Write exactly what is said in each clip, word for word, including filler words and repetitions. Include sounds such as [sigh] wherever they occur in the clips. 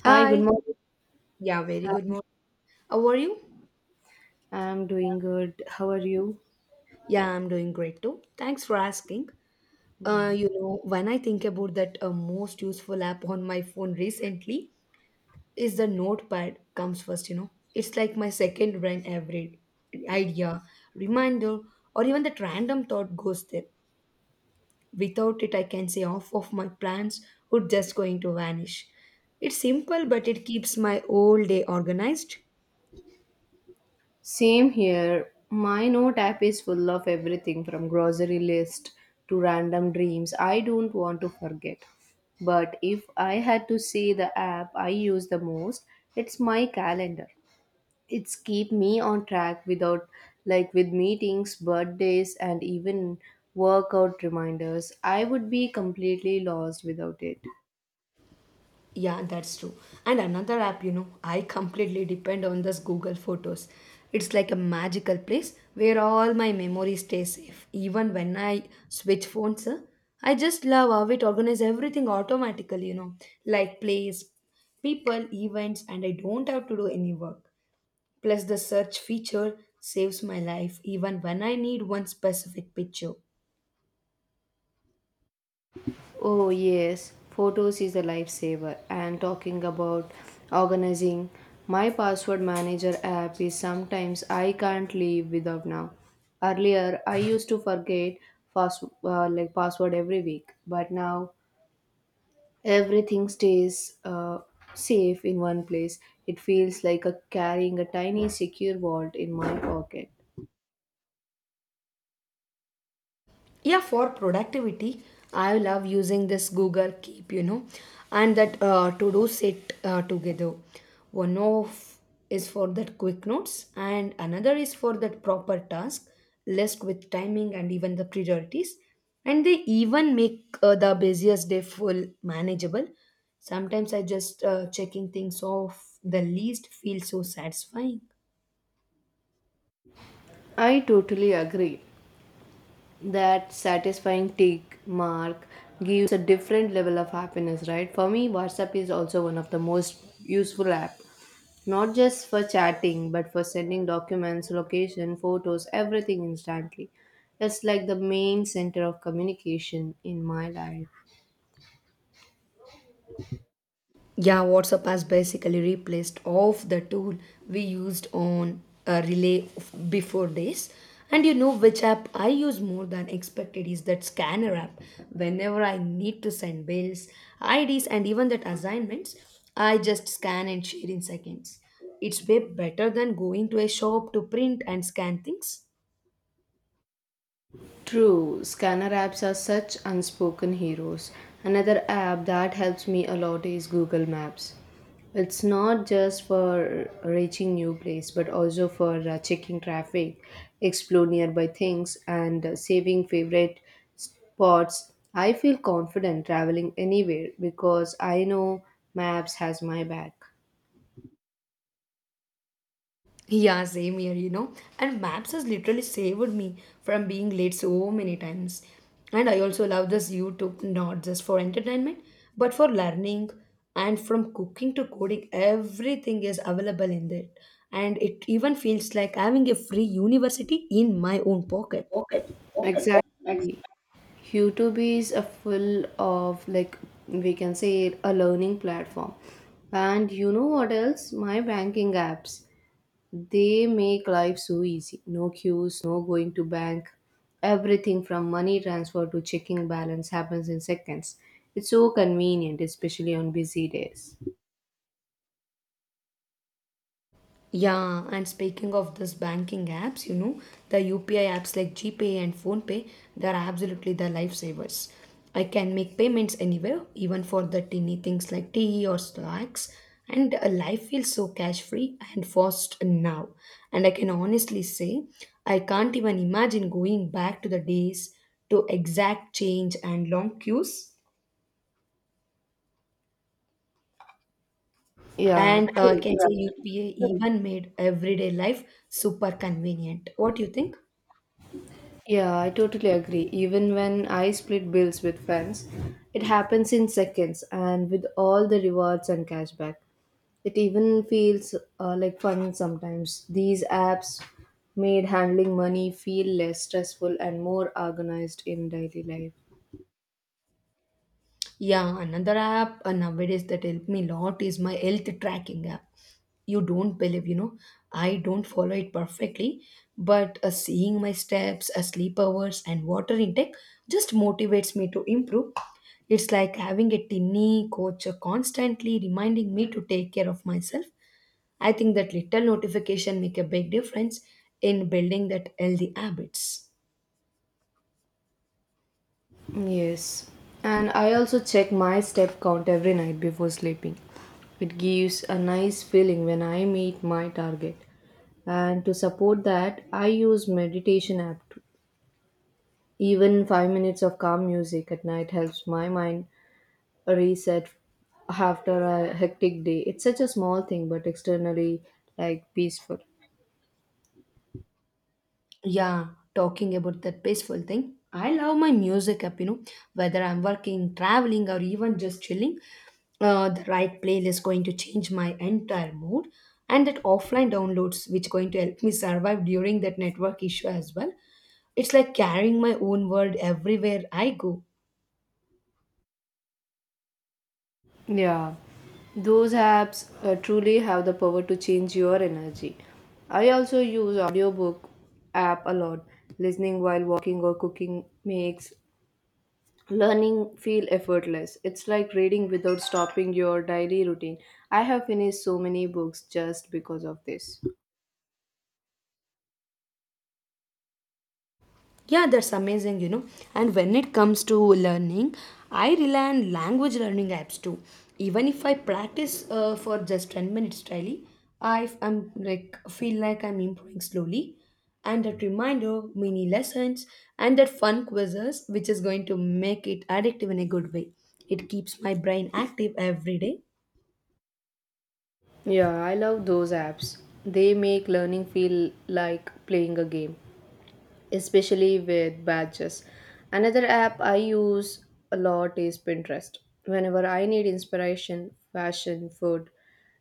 Hi, good Hi. morning. Yeah, very good Hi. morning. How are you? I'm doing good. How are you? Yeah, I'm doing great too. Thanks for asking. Yeah. Uh, you know, when I think about that, uh, most useful app on my phone recently is the Notepad. Comes first, you know. It's like my second brain. Every idea, reminder, or even that random thought goes there. Without it, I can say half of my plans would just going to vanish. It's simple, but it keeps my whole day organized. Same here. My note app is full of everything from grocery list to random dreams I don't want to forget. But if I had to say the app I use the most, it's my calendar. It's keep me on track without like with meetings, birthdays and even workout reminders. I would be completely lost without it. Yeah, that's true. And another app, you know, I completely depend on this Google Photos. It's like a magical place where all my memories stay safe. Even when I switch phones, uh, I just love how it organizes everything automatically, you know, like place, people, events, and I don't have to do any work. Plus, the search feature saves my life even when I need one specific picture. Oh, yes, photos is a lifesaver. And talking about organizing, my password manager app is sometimes I can't live without now. Earlier, I used to forget pass uh, like password every week, but now everything stays uh, safe in one place. It feels like a carrying a tiny secure vault in my pocket. Yeah, for productivity, I love using this Google Keep, you know, and that uh, to do set uh, together. One of is for that quick notes and another is for that proper task list with timing and even the priorities, and they even make uh, the busiest day full manageable. Sometimes I just uh, checking things off the least feels so satisfying. I totally agree. That satisfying tick mark gives a different level of happiness, right? For me, WhatsApp is also one of the most useful app, not just for chatting but for sending documents, location, photos, everything instantly. It's like the main center of communication in my life. Yeah, WhatsApp has basically replaced off the tool we used on a relay of- before this. And you know which app I use more than expected is that scanner app. Whenever I need to send bills, I Ds, and even that assignments, I just scan and share in seconds. It's way better than going to a shop to print and scan things. True, scanner apps are such unspoken heroes. Another app that helps me a lot is Google Maps. It's not just for reaching new place but also for uh, checking traffic, explore nearby things and uh, saving favorite spots. I feel confident traveling anywhere because I know Maps has my back. Yeah, same here, you know. And maps has literally saved me from being late so many times. And I also love this YouTube, not just for entertainment, but for learning, and from cooking to coding, everything is available in there. And it even feels like having a free university in my own pocket. Okay. Exactly. YouTube is a full of like we can say a learning platform. And you know what else? My banking apps. They make life so easy. No queues, no going to bank. Everything from money transfer to checking balance happens in seconds. It's so convenient, especially on busy days. Yeah, and speaking of this banking apps, you know, the U P I apps like GPay and PhonePe, they're absolutely the lifesavers. I can make payments anywhere, even for the teeny things like tea or snacks, and uh, life feels so cash free and fast now. And I can honestly say, I can't even imagine going back to the days to exact change and long queues. Yeah, And uh, I can say U P I even made everyday life super convenient. What do you think? yeah, I totally agree. Even when I split bills with friends, it happens in seconds and with all the rewards and cashback. It even feels uh, like fun sometimes. These apps made handling money feel less stressful and more organized in daily life. Yeah, another app uh, nowadays that helped me a lot is my health tracking app. You don't believe, you know, I don't follow it perfectly, but uh, seeing my steps, uh, sleep hours, and water intake just motivates me to improve. It's like having a tiny coach uh, constantly reminding me to take care of myself. I think that little notification make a big difference in building that healthy habits. Yes. And I also check my step count every night before sleeping. It gives a nice feeling when I meet my target. And to support that, I use meditation app. Even five minutes of calm music at night helps my mind reset after a hectic day. It's such a small thing, but externally, like peaceful. Yeah, talking about that peaceful thing. I love my music app, you know, whether I'm working, traveling, or even just chilling. Uh, the right playlist going to change my entire mood, and that offline downloads, which going to help me survive during that network issue as well. It's like carrying my own world everywhere I go. Yeah, those apps uh, truly have the power to change your energy. I also use audiobook app a lot. Listening while walking or cooking makes learning feel effortless. It's like reading without stopping your daily routine. I have finished so many books just because of this. Yeah, that's amazing, you know. And when it comes to learning, I rely on language learning apps too. Even if I practice uh, for just ten minutes daily, I am like feel like I'm improving slowly. And that reminder, mini lessons, and that fun quizzes, which is going to make it addictive in a good way. It keeps my brain active every day. Yeah, I love those apps. They make learning feel like playing a game, especially with badges. Another app I use a lot is Pinterest. Whenever I need inspiration, fashion, food,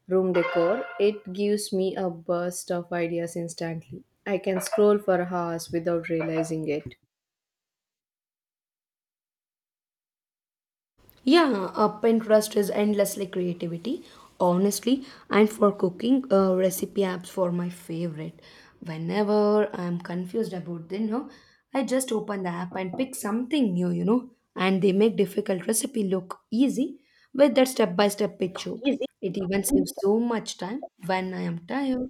room decor, it gives me a burst of ideas instantly. I can scroll for hours without realizing it. Yeah, uh, Pinterest is endlessly creativity, honestly, and for cooking uh, recipe apps for my favorite. Whenever I'm confused about dinner, I just open the app and pick something new, you know, and they make difficult recipe look easy with that step-by-step picture. It even saves so much time when I am tired.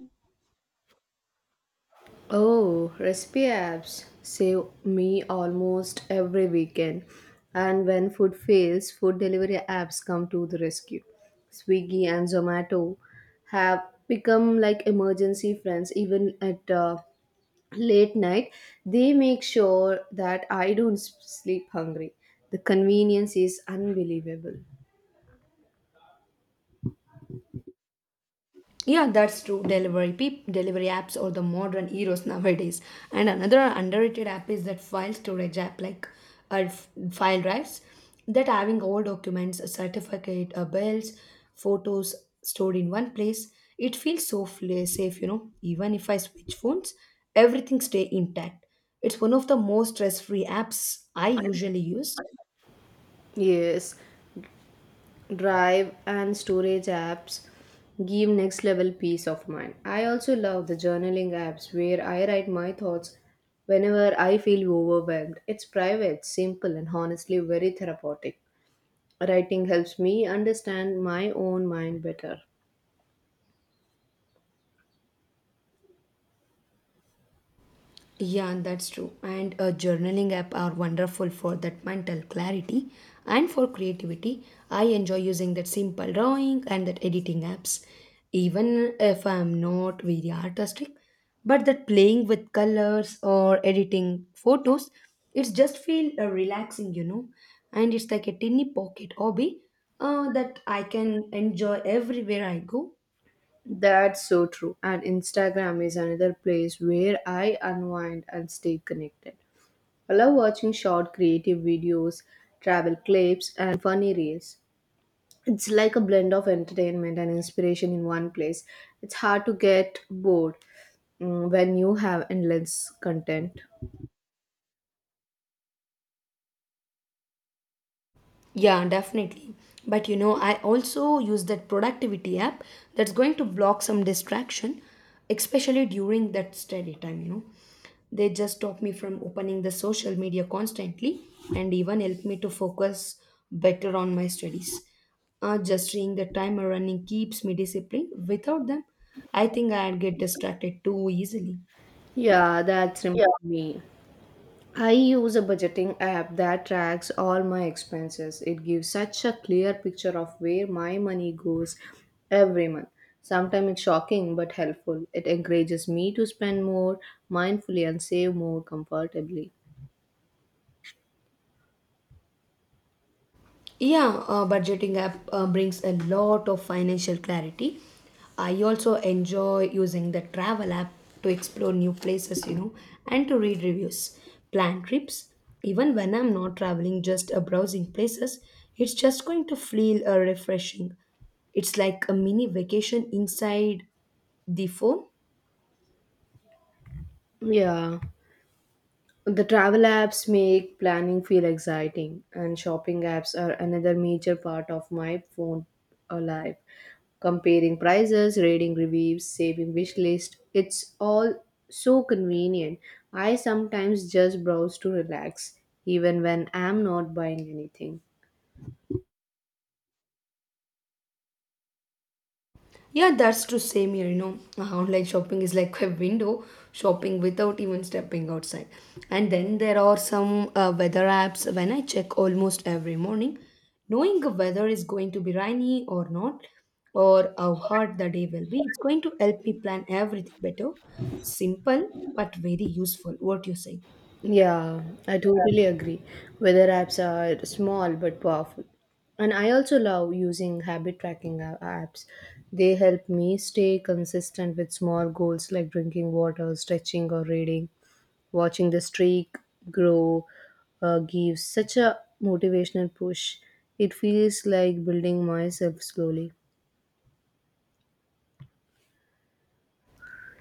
Oh, recipe apps save me almost every weekend. And when food fails, food delivery apps come to the rescue. Swiggy and Zomato have become like emergency friends, even at uh, late night. They make sure that I don't s- sleep hungry. The convenience is unbelievable. Yeah, that's true. Delivery peop- delivery apps are the modern heroes nowadays. And another underrated app is that file storage app, like uh, f- file drives, that having all documents, a certificate, uh, bills, photos stored in one place. It feels so fla- safe, you know. Even if I switch phones, everything stay intact. It's one of the most stress-free apps I usually use. Yes, drive and storage apps give next level peace of mind. I also love the journaling apps where I write my thoughts whenever I feel overwhelmed. It's private, simple, and honestly very therapeutic. Writing helps me understand my own mind better. Yeah, that's true. And a journaling app are wonderful for that mental clarity and for creativity. I enjoy using that simple drawing and that editing apps, even if I'm not very artistic. But that playing with colors or editing photos, it's just feel uh, relaxing, you know. And it's like a tiny pocket hobby uh, that I can enjoy everywhere I go. That's so true. And Instagram is another place where I unwind and stay connected. I love watching short creative videos, travel clips, and funny reels. It's like a blend of entertainment and inspiration in one place. It's hard to get bored mm, when you have endless content. Yeah, definitely. But you know, I also use that productivity app that's going to block some distraction, especially during that study time, you know. They just stop me from opening the social media constantly and even help me to focus better on my studies. Uh, just seeing the timer running keeps me disciplined. Without them, I think I'd get distracted too easily. Yeah, that's remind me. I use a budgeting app that tracks all my expenses. It gives such a clear picture of where my money goes every month. Sometimes it's shocking but helpful. It encourages me to spend more mindfully and save more comfortably. Yeah, uh, budgeting app uh, brings a lot of financial clarity. I also enjoy using the travel app to explore new places, you know, and to read reviews, plan trips. Even when I'm not traveling, just uh, browsing places, it's just going to feel uh, refreshing. It's like a mini vacation inside the phone. Yeah. The travel apps make planning feel exciting, and shopping apps are another major part of my phone uh, life. Comparing prices, reading reviews, saving wish list, it's all so convenient. I sometimes just browse to relax, even when I'm not buying anything. Yeah, that's true. Same here, you know. Uh, Online shopping is like a window shopping without even stepping outside. And then there are some uh, weather apps when I check almost every morning, knowing the weather is going to be rainy or not, or how hot the day will be. It's going to help me plan everything better. Simple but very useful. What you say? Yeah, I totally agree. Weather apps are small but powerful. And I also love using habit tracking a- apps. They help me stay consistent with small goals like drinking water, stretching, or reading. Watching the streak grow uh, gives such a motivational push. It feels like building myself slowly.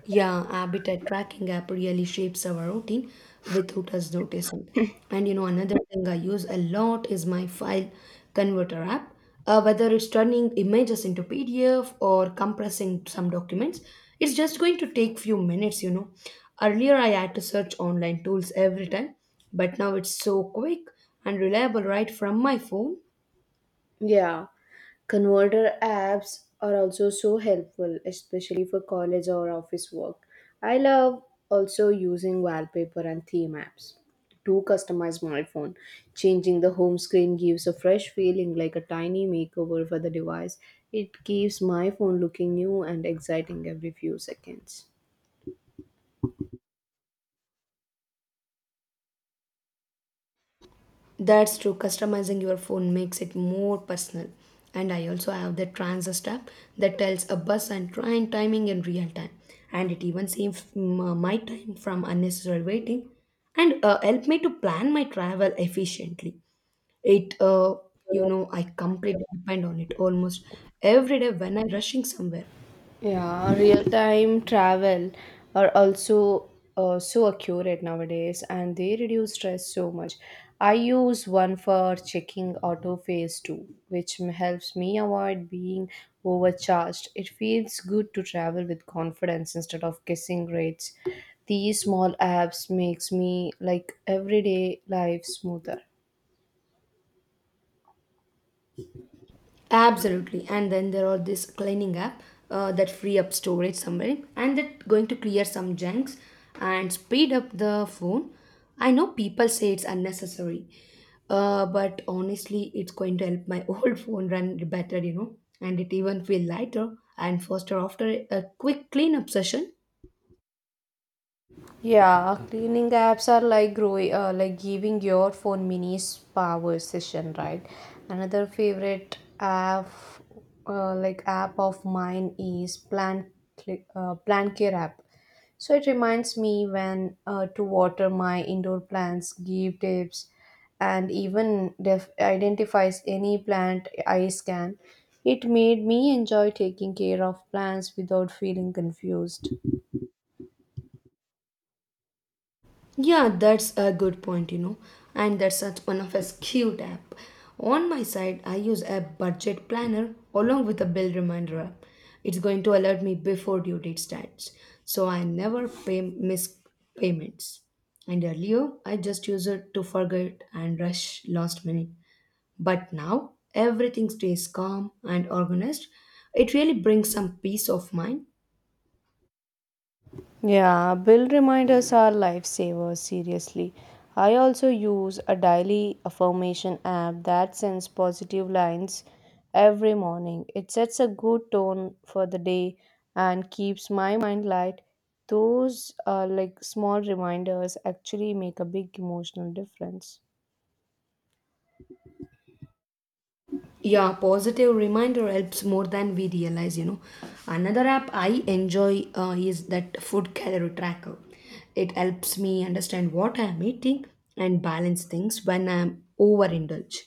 Yeah, habitat tracking app really shapes our routine without us noticing. And you know, another thing I use a lot is my file converter app. Uh, whether it's turning images into P D F or compressing some documents, it's just going to take few minutes, you know. Earlier I had to search online tools every time, but now it's so quick and reliable right from my phone. Yeah, converter apps are also so helpful, especially for college or office work. I love also using wallpaper and theme apps to customize my phone. Changing the home screen gives a fresh feeling, like a tiny makeover for the device. It keeps my phone looking new and exciting every few seconds. That's true. Customizing your phone makes it more personal. And I also have the transist app that tells a bus and train timing in real time. And it even saves m- uh, my time from unnecessary waiting and uh, help me to plan my travel efficiently. It, uh, you know, I completely depend on it almost every day when I'm rushing somewhere. Yeah, real time travel are also uh, so accurate nowadays, and they reduce stress so much. I use one for checking auto phase too, which m- helps me avoid being overcharged. It feels good to travel with confidence instead of guessing rates. These small apps makes me like everyday life smoother. Absolutely, and then there are this cleaning app uh, that free up storage somewhere, and that going to clear some junks and speed up the phone. I know people say it's unnecessary, uh, but honestly, it's going to help my [laughs] old phone run better, you know, and it even feel lighter and faster after a quick cleanup session. Yeah, cleaning apps are like growing, uh, like giving your phone mini power session, right? Another favorite app, uh, like app of mine is Plant Cli- uh, Plant Care app. So it reminds me when uh, to water my indoor plants, give tips, and even def- identifies any plant I scan. It made me enjoy taking care of plants without feeling confused. Yeah, that's a good point, you know, and that's such one of a cute app. On my side, I use a budget planner along with a bill reminder app. It's going to alert me before due date starts, so I never pay miss payments. And earlier, I just used it to forget and rush last minute. But now, everything stays calm and organized. It really brings some peace of mind. Yeah, bill reminders are lifesavers, seriously. I also use a daily affirmation app that sends positive lines every morning. It sets a good tone for the day and keeps my mind light. Those uh, like small reminders actually make a big emotional difference. Yeah, positive reminder helps more than we realize, you know. Another app I enjoy uh, is that food calorie tracker. It helps me understand what I'm eating and balance things when I'm overindulged.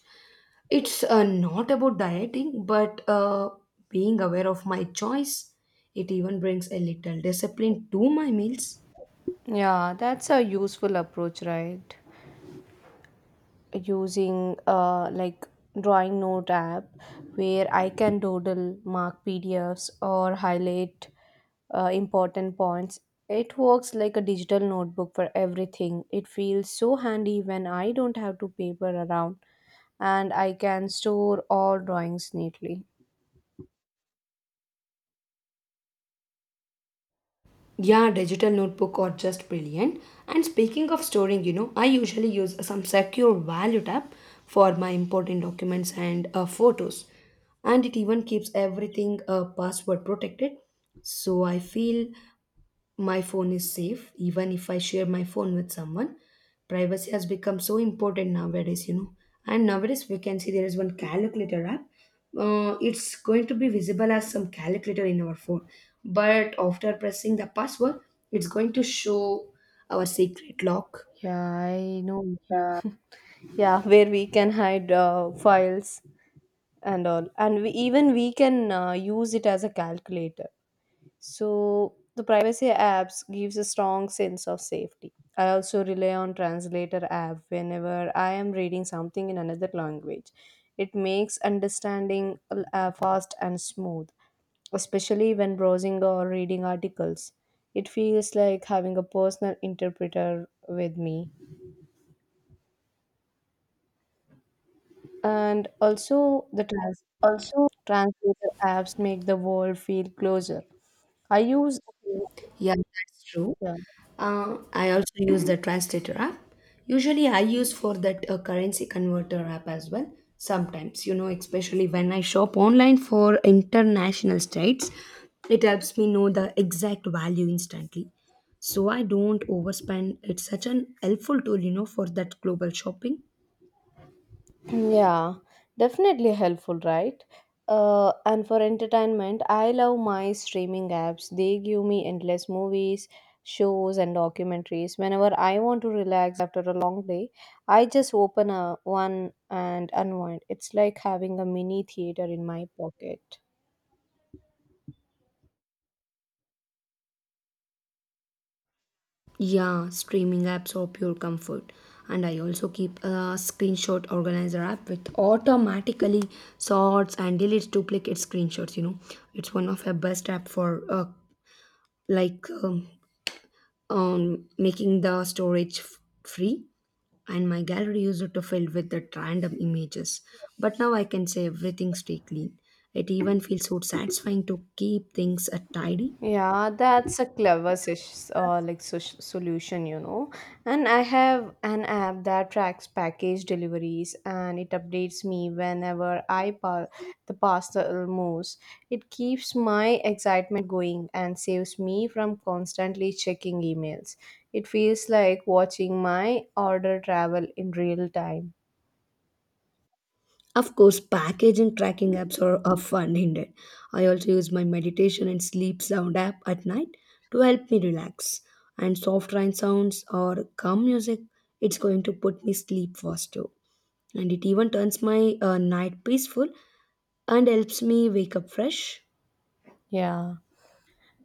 It's uh, not about dieting, but uh, being aware of my choice. It even brings a little discipline to my meals. Yeah, that's a useful approach, right? Using uh, like drawing note app where I can doodle, mark P D Fs, or highlight uh, important points. It works like a digital notebook for everything. It feels so handy when I don't have to paper around and I can store all drawings neatly. Yeah, digital notebook are just brilliant. And speaking of storing, you know, I usually use some secure value tab for my important documents and uh, photos. And it even keeps everything uh, password protected. So I feel my phone is safe even if I share my phone with someone. Privacy has become so important nowadays, you know. And nowadays we can see there is one calculator app. Uh, it's going to be visible as some calculator in our phone, but after pressing the password, it's going to show our secret lock. Yeah, I know. Yeah. Yeah, where we can hide uh, files and all. And we, even we can uh, use it as a calculator. So the privacy apps gives a strong sense of safety. I also rely on translator app whenever I am reading something in another language. It makes understanding uh, fast and smooth, especially when browsing or reading articles. It feels like having a personal interpreter with me. And also the trans- Also, translator apps make the world feel closer. I use yeah, that's true. Yeah. Uh, I also use the translator app. Usually, I use for that uh, currency converter app as well. Sometimes, you know, especially when I shop online for international states, it helps me know the exact value instantly. So I don't overspend. It's such an helpful tool, you know, for that global shopping. Yeah, definitely helpful, right? Uh, and for entertainment, I love my streaming apps. They give me endless movies, shows, and documentaries. Whenever I want to relax after a long day, I just open a one and unwind. It's like having a mini theater in my pocket. Yeah, streaming apps are pure comfort. And I also keep a screenshot organizer app which automatically sorts and deletes duplicate screenshots. You know, it's one of the best app for uh, like um, um, making the storage f- free. And my gallery used to fill with the random images, but now I can say everything stay clean. It even feels so satisfying to keep things uh, tidy. Yeah, that's a clever sis- uh, like sus- solution, you know. And I have an app that tracks package deliveries and it updates me whenever I pa- the parcel moves. It keeps my excitement going and saves me from constantly checking emails. It feels like watching my order travel in real time. Of course, package and tracking apps are, are fun indeed. I also use my meditation and sleep sound app at night to help me relax. And soft rain sounds or calm music, it's going to put me sleep fast too. And it even turns my uh, night peaceful and helps me wake up fresh. Yeah.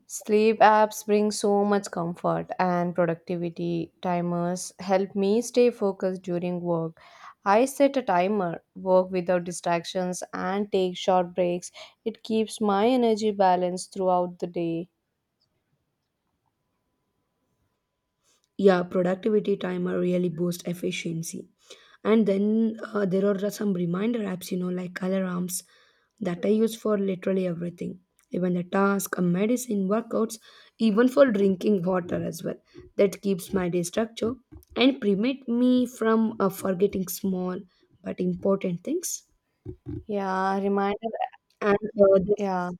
Sleep apps bring so much comfort and productivity. Timers help me stay focused during work. I set a timer, work without distractions, and take short breaks. It keeps my energy balanced throughout the day. Yeah, productivity timer really boosts efficiency, and then uh, there are some reminder apps, you know, like alarms that I use for literally everything, even the task, a medicine, workouts, even for drinking water as well. That keeps my day structure and prevent me from uh, forgetting small but important things. Yeah, reminder. And uh, this Yeah.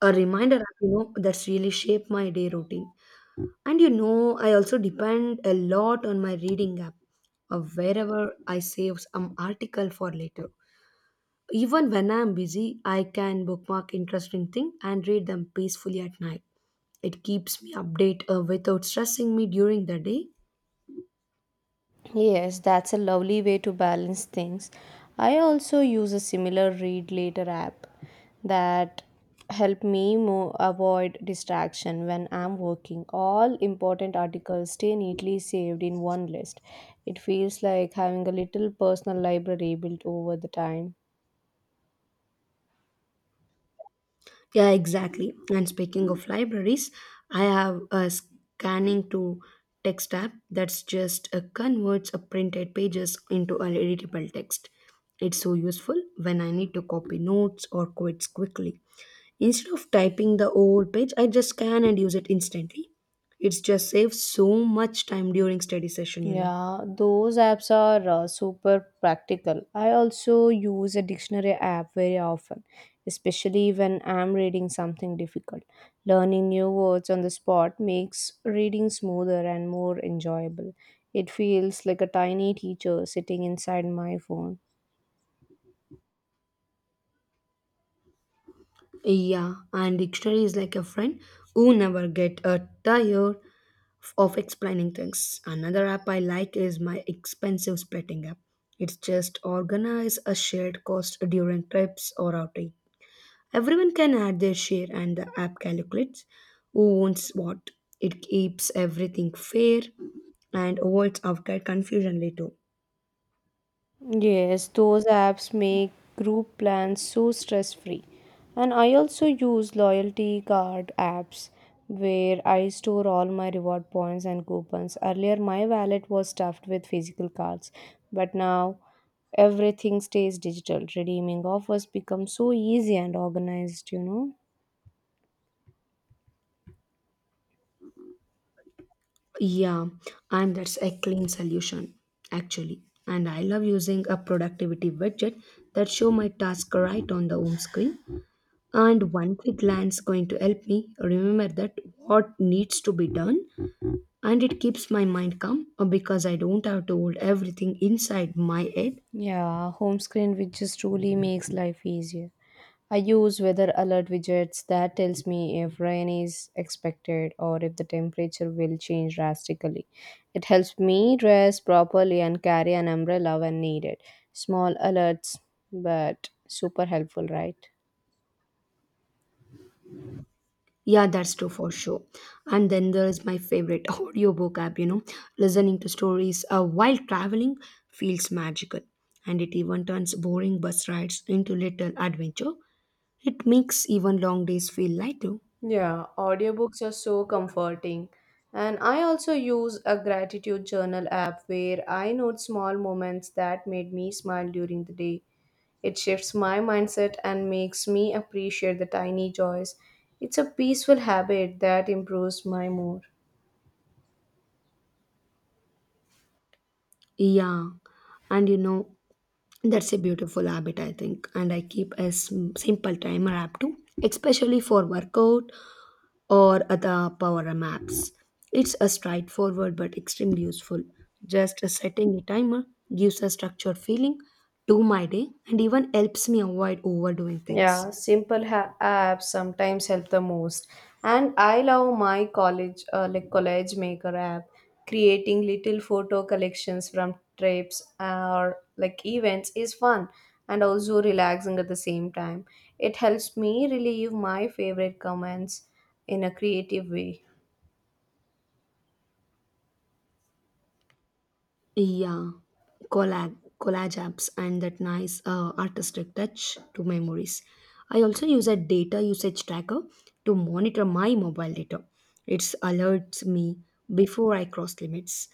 a reminder app, you know, that's really shaped my day routine. And you know, I also depend a lot on my reading app, uh, wherever I save some article for later. Even when I'm busy, I can bookmark interesting thing and read them peacefully at night. It keeps me update uh, without stressing me during the day. Yes, that's a lovely way to balance things. I also use a similar read later app that help me mo- avoid distraction when I'm working. All important articles stay neatly saved in one list. It feels like having a little personal library built over the time. Yeah, exactly. And speaking of libraries, I have a scanning to text app that's just uh, converts a printed pages into an editable text. It's so useful when I need to copy notes or quotes quickly. Instead of typing the whole page, I just scan and use it instantly. It's just saves so much time during study session, you know. Yeah, those apps are uh, super practical. I also use a dictionary app very often, especially when I'm reading something difficult. Learning new words on the spot makes reading smoother and more enjoyable. It feels like a tiny teacher sitting inside my phone. Yeah, and dictionary is like a friend who never get uh, tired of explaining things. Another app I like is my expensive splitting app. It's just organize a shared cost during trips or outing. Everyone can add their share and the app calculates who owns what. It keeps everything fair and avoids outright confusion later. Yes, those apps make group plans so stress free. And I also use loyalty card apps where I store all my reward points and coupons. Earlier, my wallet was stuffed with physical cards, but now everything stays digital. Redeeming offers become so easy and organized, you know? Yeah, and that's a clean solution actually. And I love using a productivity widget that show my task right on the home screen, and one quick glance going to help me remember that what needs to be done. And it keeps my mind calm uh, because I don't have to hold everything inside my head. Yeah, home screen, which just truly makes life easier. I use weather alert widgets that tells me if rain is expected or if the temperature will change drastically. It helps me dress properly and carry an umbrella when needed. Small alerts, but super helpful, right? Yeah, that's true for sure. And then there is my favorite [laughs] audiobook app, you know. Listening to stories uh, while traveling feels magical, and it even turns boring bus rides into little adventure. It makes even long days feel lighter. Yeah, audiobooks are so comforting. And I also use a gratitude journal app where I note small moments that made me smile during the day. It shifts my mindset and makes me appreciate the tiny joys. It's a peaceful habit that improves my mood. Yeah, and you know, that's a beautiful habit, I think. And I keep a sim- simple timer app too, especially for workout or other power apps. It's a straightforward but extremely useful. Just setting a timer gives a structured feeling to my day and even helps me avoid overdoing things. Yeah, simple ha- apps sometimes help the most. And I love my college, uh, like college maker app. Creating little photo collections from trips or like events is fun and also relaxing at the same time. It helps me relieve my favorite comments in a creative way. Yeah. collab Collage apps and that nice uh, artistic touch to memories. I also use a data usage tracker to monitor my mobile data. It alerts me before I cross limits,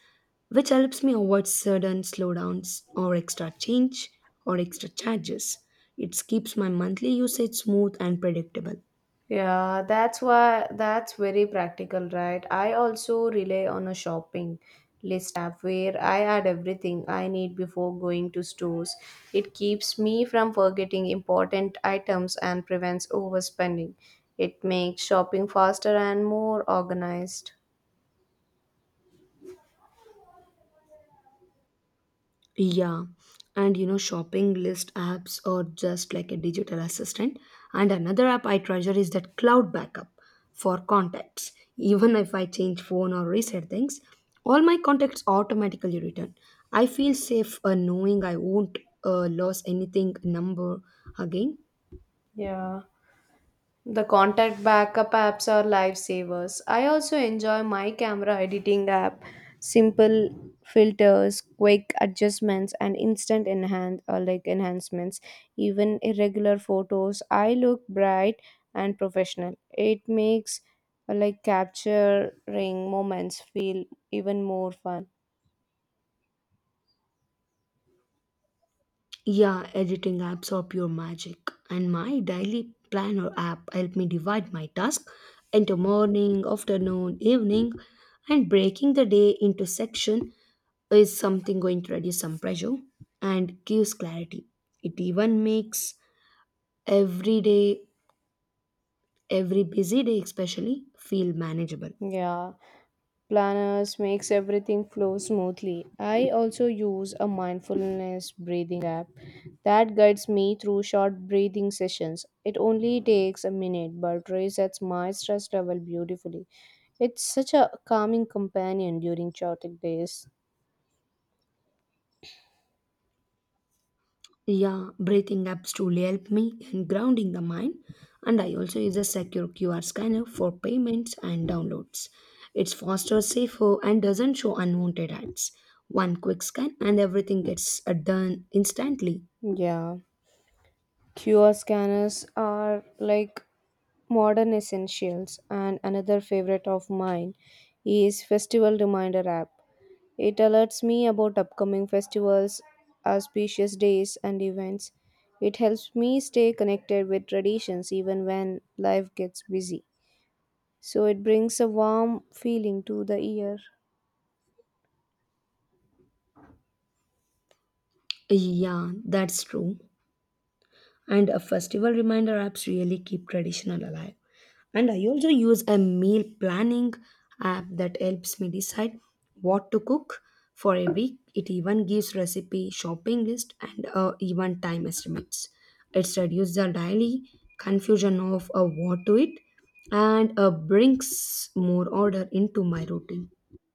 which helps me avoid sudden slowdowns or extra change or extra charges. It keeps my monthly usage smooth and predictable. Yeah, that's why that's very practical, right? I also rely on a shopping list app where I add everything I need before going to stores. It keeps me from forgetting important items and prevents overspending. It makes shopping faster and more organized. Yeah, and you know, shopping list apps are just like a digital assistant. And another app I treasure is that cloud backup for contacts. [laughs] Even if I change phone or reset things, all my contacts automatically return. I feel safe, uh, knowing I won't uh, lose anything number again. Yeah. The contact backup apps are lifesavers. I also enjoy my camera editing app. Simple filters, quick adjustments, and instant enhance or like enhancements. Even irregular photos, I look bright and professional. It makes uh, like capturing moments feel even more fun. Yeah, editing apps are pure magic. And my daily planner app help me divide my task into morning, afternoon, evening, and breaking the day into section is something going to reduce some pressure and gives clarity. It even makes every day, every busy day especially, feel manageable. Yeah. Planners makes everything flow smoothly. I also use a mindfulness breathing app that guides me through short breathing sessions. It only takes a minute but resets my stress level beautifully. It's such a calming companion during chaotic days. Yeah, breathing apps truly help me in grounding the mind, and I also use a secure Q R scanner for payments and downloads. It's faster, safer, and doesn't show unwanted ads. One quick scan, and everything gets uh, done instantly. Yeah. Q R scanners are like modern essentials, and another favorite of mine is Festival Reminder app. It alerts me about upcoming festivals, auspicious days, and events. It helps me stay connected with traditions even when life gets busy. So it brings a warm feeling to the ear. Yeah, that's true. And a festival reminder apps really keep traditional alive. And I also use a meal planning app that helps me decide what to cook for a week. It even gives recipe, shopping list, and uh, even time estimates. It's reduced the daily confusion of uh, what to eat, and uh, brings more order into my routine.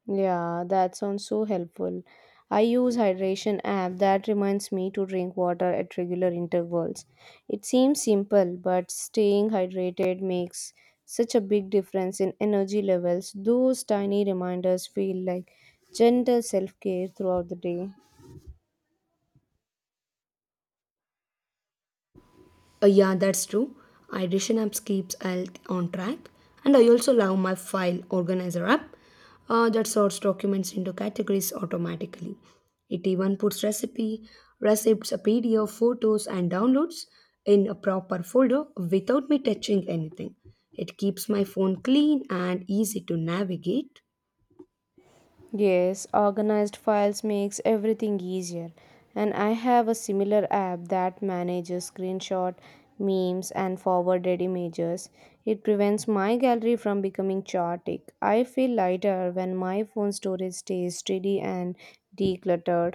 Yeah, that sounds so helpful. I use hydration app that reminds me to drink water at regular intervals. It seems simple, but staying hydrated makes such a big difference in energy levels. Those tiny reminders feel like gentle self-care throughout the day. Uh, yeah, that's true. Ideation apps keeps health on track, and I also love my file organizer app uh, that sorts documents into categories automatically. It even puts recipe, recipes, a P D F, photos, and downloads in a proper folder without me touching anything. It keeps my phone clean and easy to navigate. Yes, organized files makes everything easier. And I have a similar app that manages screenshot, memes and forwarded images. It prevents my gallery from becoming chaotic. I feel lighter when my phone storage stays steady and decluttered.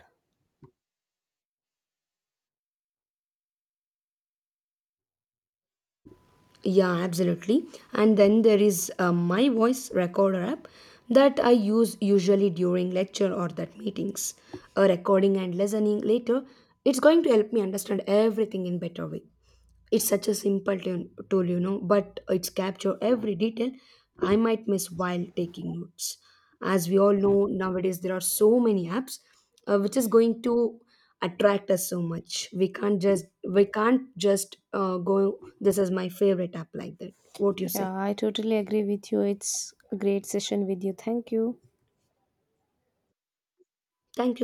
Yeah, absolutely. And then there is uh, my voice recorder app that I use usually during lecture or that meetings. A recording and listening later, it's going to help me understand everything in better way. It's such a simple tune- tool, you know, but it's capture every detail I might miss while taking notes. As we all know, nowadays there are so many apps uh, which is going to attract us so much. We can't just we can't just uh, go. This is my favorite app like that. What you say? Yeah, I totally agree with you. It's a great session with you. Thank you. Thank you.